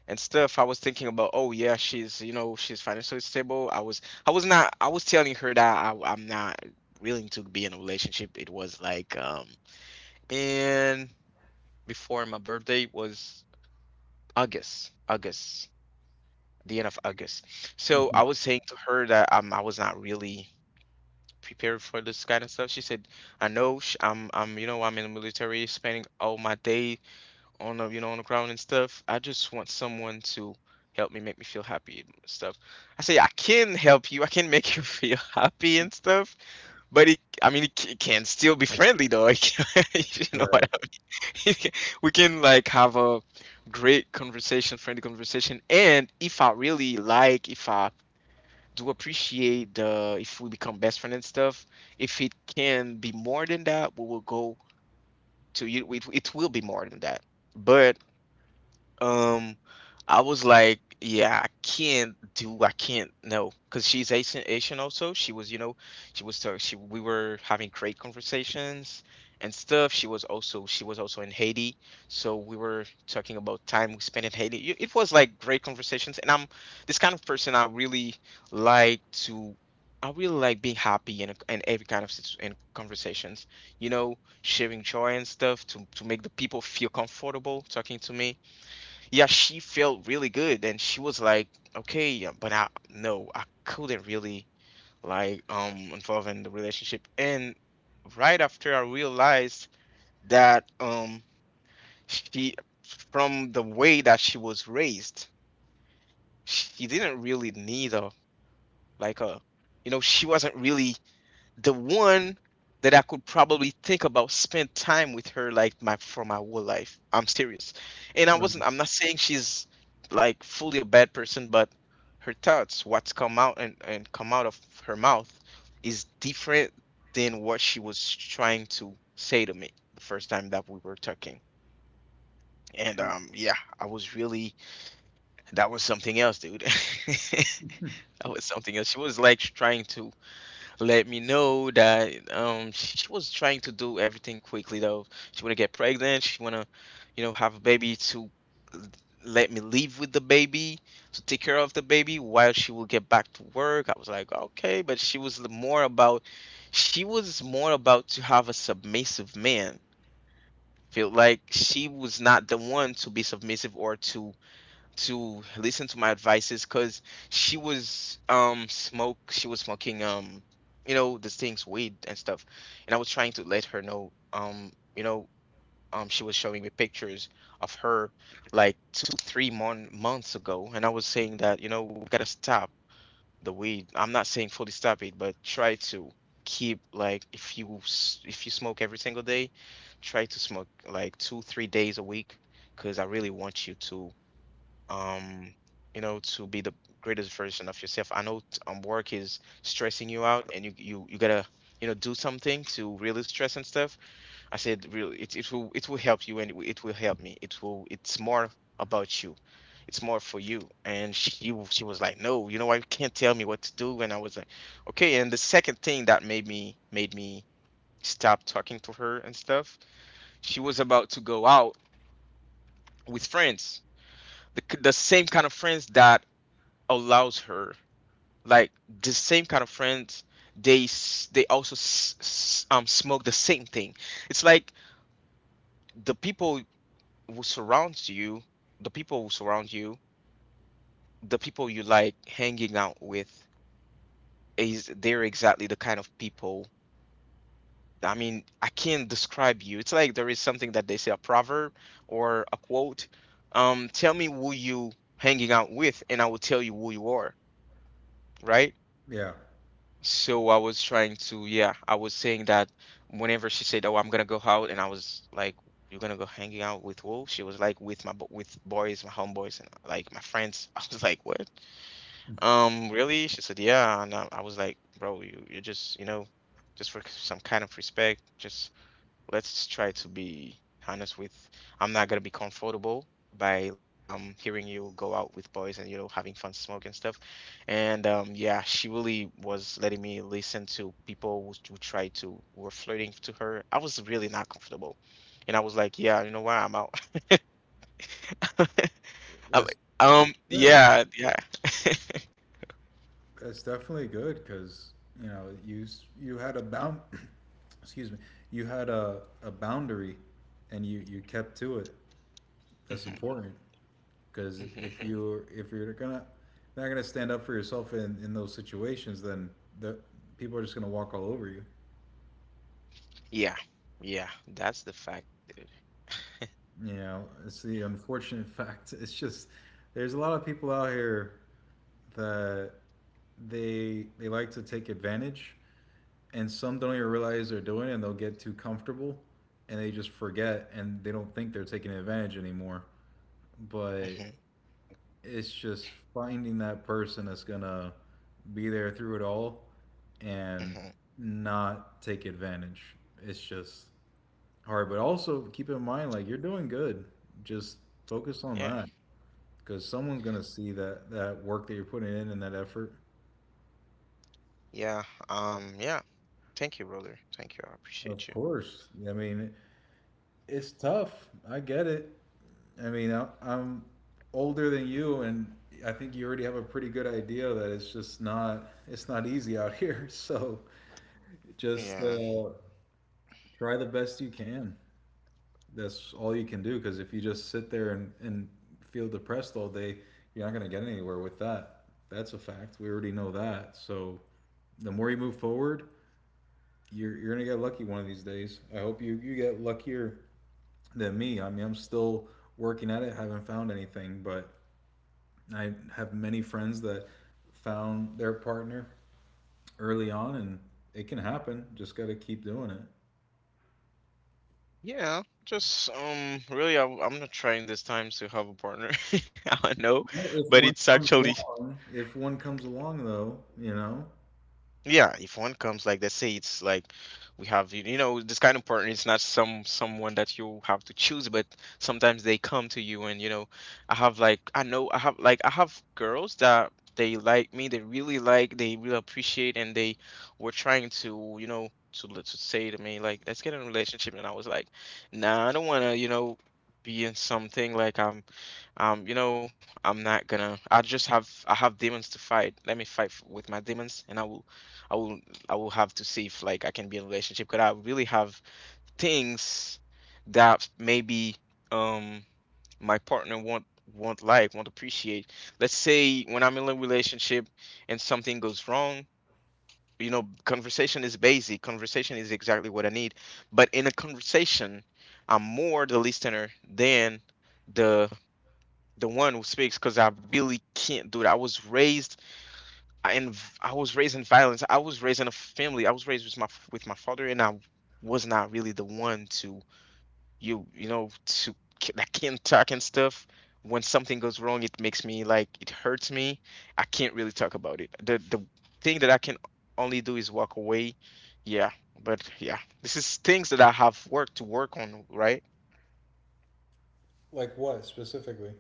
A: and stuff. I was thinking about, oh yeah, she's you know she's financially stable. I was i was not i was telling her that I'm not willing to be in a relationship. It was like, and before my birthday was August, the end of August. So I was
B: <laughs>
A: saying to her that, I was not really prepared for this kind of stuff. She said, "I know, I'm you know, I'm in the military spending all my day on the, you know, on the ground and stuff. I just want someone to help me, make me feel happy and stuff." I say, "I can help you. I can make <laughs> you feel happy and stuff. But I mean, it can still be friendly though. It can, <laughs> you know what?
B: Right.
A: I- <laughs> it can- we can like have a great conversation, friendly conversation. And if I do appreciate, the if we become best friend and stuff, if it can be more than that, we will go to you. It will be more than that." But um, I was like, "Yeah, I can't, no, because she's Asian, Asian also." She was, you know, she was, so she, we were having great conversations and stuff. She was also in Haiti, so we were talking about time we spent in Haiti. It was like great conversations, and I'm this kind of person. I really like to. I really like being happy in, in every kind of situ- in conversations, you know, sharing joy and stuff to make the people feel comfortable talking to me. Yeah, she felt really good, and she was like, "Okay, yeah, but I no, I couldn't really like involve in the relationship." And right after I realized that she, from the way that she was raised, she didn't really need a, like, a, you know, she wasn't really the one that I could probably think about spend time with her like my for my whole life. I'm serious. And I wasn't I'm not saying she's like fully a bad person, but her thoughts, what's come out and come out of her mouth is different than what she was trying to say to me the first time that we were talking. And yeah, I was really that was something else, dude. <laughs> That was something else. She was like trying to let me know that she was trying to do everything quickly though. She wanna get pregnant, she wanna, you know, have a baby to l- let me live with the baby, to take care of the baby while she will get back to work. I was like, okay, but she was more about to have a submissive man. Feel like she was not the one to be submissive or to listen to my advices because she was smoking, you know, the things, weed and stuff. And I was trying to let her know, she was showing me pictures of her like 2 3 months ago, and I was saying that, you know, we gotta stop the weed. I'm not saying fully stop it, but try to keep, like, if you smoke every single day, try to smoke like 2 3 days a week, because I really want you to, um to be the greatest version of yourself. I know, work is stressing you out and you gotta, do something to really stress and stuff. I said, really, it will help you, and it will help me. It's more about you. It's more for you. And she was like, "No, you know why, you can't tell me what to do." And I was like, okay. And the second thing that made me stop talking to her and stuff, she was about to go out with friends, the, the same kind of friends that allows her, like, the same kind of friends. They, they also smoke the same thing. It's like the people who surround you, the people you like hanging out with, is they're exactly the kind of people. I mean, I can't describe you. It's like there is something that they say, a proverb or a quote, um, tell me who you hanging out with, and I will tell you who you are. Right.
B: Yeah,
A: So I was trying to, yeah, I was saying that whenever she said, "Oh, I'm gonna go out," and I was like, "You're gonna go hanging out with who?" She was like, "With with boys, my homeboys, and like my friends." <laughs> I was like, "What? Really?" She said, "Yeah," and I was like, "Bro, you know, just for some kind of respect, just let's try to be honest with. I'm not gonna be comfortable by let, hearing you go out with boys and, having fun smoking stuff and yeah." She really was letting me listen to people who tried to were flirting to her. I was really not comfortable, and I was like, yeah, you know what, I'm out. <laughs> I'm like,
B: that's good.
A: yeah, yeah. <laughs>
B: That's definitely good because you had a bound— <clears throat> excuse me, you had a boundary and you kept to it. That's
A: Hmm.
B: important. Because <laughs> if
A: Hmm.
B: you, if you're gonna not gonna stand up for yourself in those situations, then the people are just gonna walk all over you.
A: Yeah, yeah, that's the fact, dude.
B: You know, it's the unfortunate <laughs> fact. It's just there's a lot of people out here that they like to take advantage, and some don't even realize they're doing it, and they'll get too comfortable, and they just forget, and they don't think they're taking advantage anymore. But
A: Hmm.
B: it's just finding that person that's gonna be there through it all and
A: Hmm.
B: not take advantage. It's just hard, but also keep in mind, like, you're doing good. Just focus on
A: Yeah.
B: that because someone's gonna see that that work that you're putting in and that effort.
A: Yeah. Yeah. Thank you, brother. Thank you. I appreciate
B: Of
A: you.
B: course, I mean, it's tough. I get it. I mean I'm older than you. And I think you already have a pretty good idea that it's just not, it's not easy out here. <laughs> So just
A: Yeah.
B: try the best you can. That's all you can do, because if you just sit there and feel depressed all day, you're not going to get anywhere with that. That's a fact. We already know that. So the more you move forward, you're going to get lucky one of these days. I hope you get luckier than me. I mean, I'm still working at it, haven't found anything, but I have many friends that found their partner early on, and it can happen. Just got to keep doing it.
A: Yeah. Just. Really, I'm not trying this time to have a partner. <laughs> I know,
B: If
A: but
B: one
A: it's
B: comes
A: actually,
B: along, if one comes along though, you know,
A: yeah, if one comes, like, let's say it's like we have you know, this kind of partner, it's not someone that you have to choose, but sometimes they come to you, and you know, I have girls that they like me, they really appreciate, and they were trying to, to say to me like, "Let's get in a relationship." And I was like, "Nah, I don't want to, you know, be in something like, I'm um, you know, I'm not gonna. I have demons to fight. Let me fight with my demons, and I will, I will have to see if like I can be in a relationship. Cause I really have things that maybe um my partner won't like, won't appreciate." Let's say when I'm in a relationship and something goes wrong, you know, conversation is basic. Conversation is exactly what I need. But in a conversation, I'm more the listener than the the one who speaks because I really can't do it. In I was raised in violence. I was raised in a family. I was raised with my father, and I was not really the one to, you know, to, that can not talk and stuff. When something goes wrong, it makes me, like, it hurts me. I can't really talk about it. The thing that I can only do is walk away. Yeah, but yeah, this is things that I have worked to work on, right?
B: like what specifically?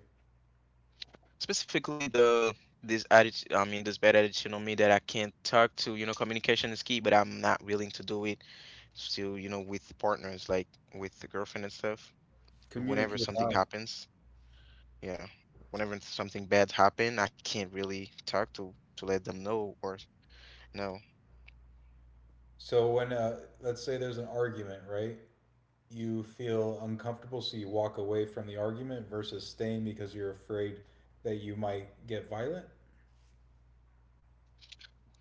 A: Specifically, the this attitude, I mean, this bad attitude on me that I can't talk to, you know, communication is key, but I'm not willing to do it still, you know, with partners like with the girlfriend and stuff, whenever
B: Communicate
A: something
B: out.
A: happens. Yeah, whenever something bad happen, I can't really talk to let them know, or no.
B: So when let's say there's an argument, right? You feel uncomfortable, so you walk away from the argument versus staying because you're afraid that you might get violent.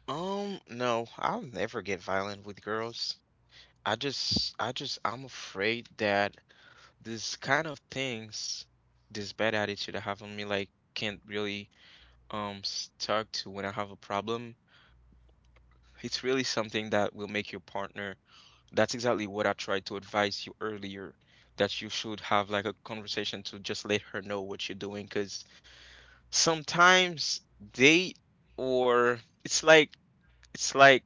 A: Um, no, I'll never get violent with girls. I'm afraid that this kind of things, this bad attitude I have on me, like, can't really, stuck to when I have a problem. It's really something that will make your partner. That's exactly what I tried to advise you earlier, that you should have like a conversation to just let her know what you're doing, because sometimes they or it's like it's like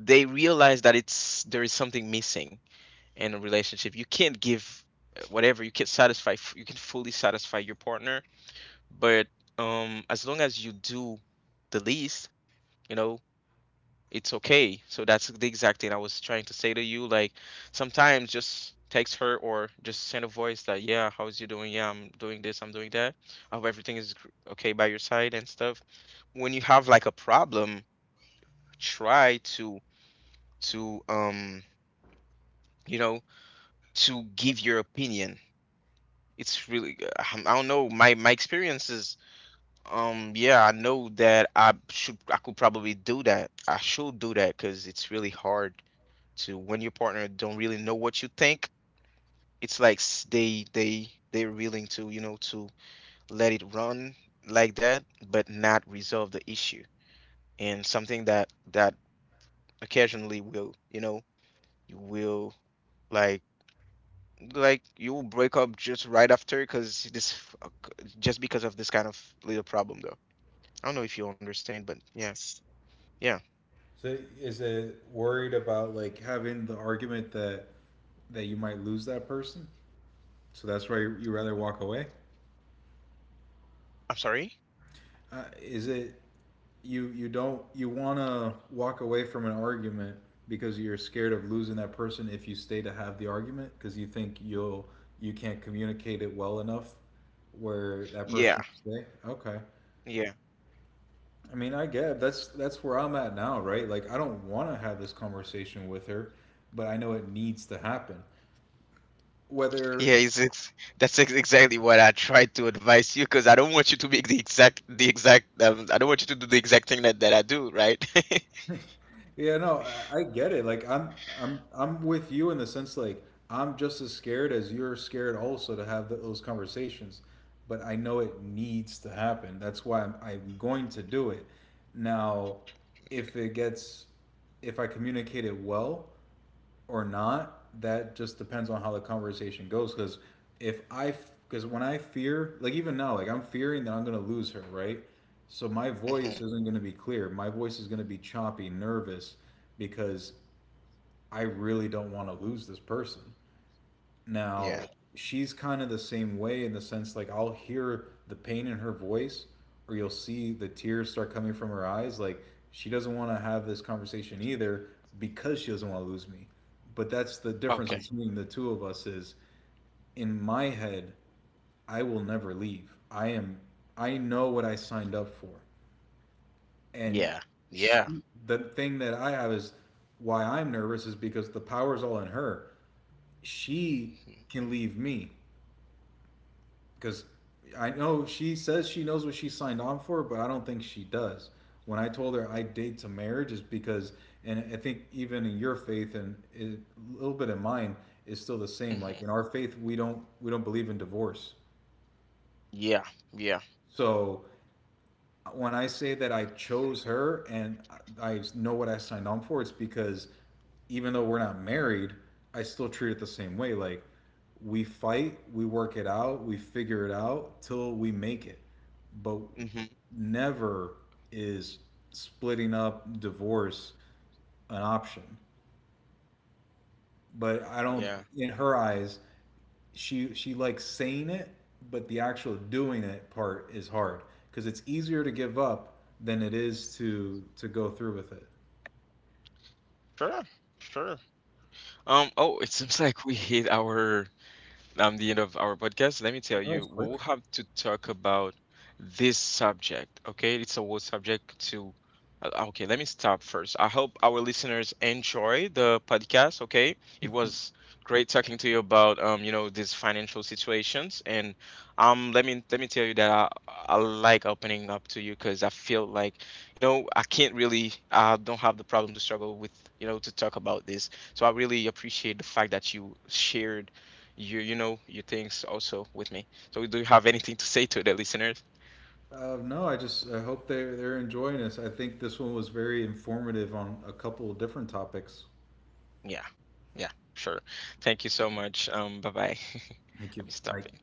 A: they realize that it's there is something missing in a relationship. You can't give, whatever, you can't satisfy, you can fully satisfy your partner, but as long as you do the least, you know, it's okay. So that's the exact thing I was trying to say to you. Like, sometimes just text her or just send a voice that, yeah, how's you doing? Yeah, I'm doing this, I'm doing that. I hope everything is okay by your side and stuff. When you have like a problem, try to, to um you know to give your opinion. It's really I don't know, my experiences. Um, yeah, I know that I could probably do that. I should do that because it's really hard to, when your partner don't really know what you think, it's like, they're willing to, to let it run like that, but not resolve the issue. And something that occasionally will, you know, you will, like like you will break up just right after, because this f- c- just because of this kind of little problem though. I don't know if you understand it, but yeah. Yeah.
B: So is it worried about, like, having the argument that that you might lose that person? So that's why you rather walk away.
A: I'm sorry.
B: Is it, you don't, you want to walk away from an argument because you're scared of losing that person if you stay to have the argument because you think you can't communicate it well enough where that
A: Yeah.
B: person will stay. Okay.
A: Yeah.
B: I mean, I get it. That's where I'm at now, right? Like I don't want to have this conversation with her, but I know it needs to happen.
A: Yeah,
B: Whether—
A: it's that's exactly what I tried to advise you, because I don't want you to be the exact, I don't want you to do the exact thing that, that I do, right?
B: yeah, no, I get it. Like I'm I'm with you in the sense, like I'm just as scared as you're scared also to have th those conversations, but I know it needs to happen. That's why I'm going to do it. Now, if it gets, if I communicate it well or not, that just depends on how the conversation goes. Because if I, because when I fear, like even now, like I'm fearing that I'm gonna lose her, right? So my
A: <laughs> Hmm.
B: voice isn't gonna be clear. My voice is gonna be choppy, nervous, because I really don't want to lose this person. Now,
A: Yeah.
B: she's kind of the same way, in the sense like I'll hear the pain in her voice or you'll see the tears start coming from her eyes, like she doesn't want to have this conversation either because she doesn't want to lose me. But that's the difference
A: Okay.
B: between the two of us is in my head I will never leave. I am, I know what I signed up for. And
A: Yeah,
B: she,
A: yeah.
B: the thing that I have is why I'm nervous is because the power's all in her. She
A: Hmm.
B: can leave me, because I know she says she knows what she signed on for, but I don't think she does. When I told her I date to marriage is because, and I think even in your faith and a little bit in mine is still the same.
A: Hmm.
B: Like in our faith, we don't believe in divorce.
A: Yeah, yeah.
B: So when I say that I chose her and I know what I signed on for, it's because even though we're not married, I still treat it the same way. Like we fight, we work it out, we figure it out till we make it. But
A: Hmm.
B: never is splitting up, divorce an option. But I don't,
A: Yeah.
B: in her eyes, she likes saying it, but the actual doing it part is hard because it's easier to give up than it is to go through with it.
A: Sure, sure. Oh, it seems like we hit our, the end of our podcast. Let me tell
B: That
A: you,
B: was
A: we
B: quick.
A: will have to talk about this subject. Okay, it's a world subject to. Okay, let me stop first. I hope our listeners enjoy the podcast. Okay, it was great talking to you about, these financial situations, and, let me tell you that I like opening up to you because I feel like, you know, I can't really I don't have the problem to struggle with, you know, to talk about this. So I really appreciate the fact that you shared, you know, your things also with me. So do you have anything to say to the listeners?
B: No, I hope they're enjoying this. I think this one was very informative on a couple of different topics.
A: Yeah. Yeah, sure. Thank you so much. Bye bye. <laughs>
B: Thank
A: Let
B: you,
A: me stop
B: like
A: it.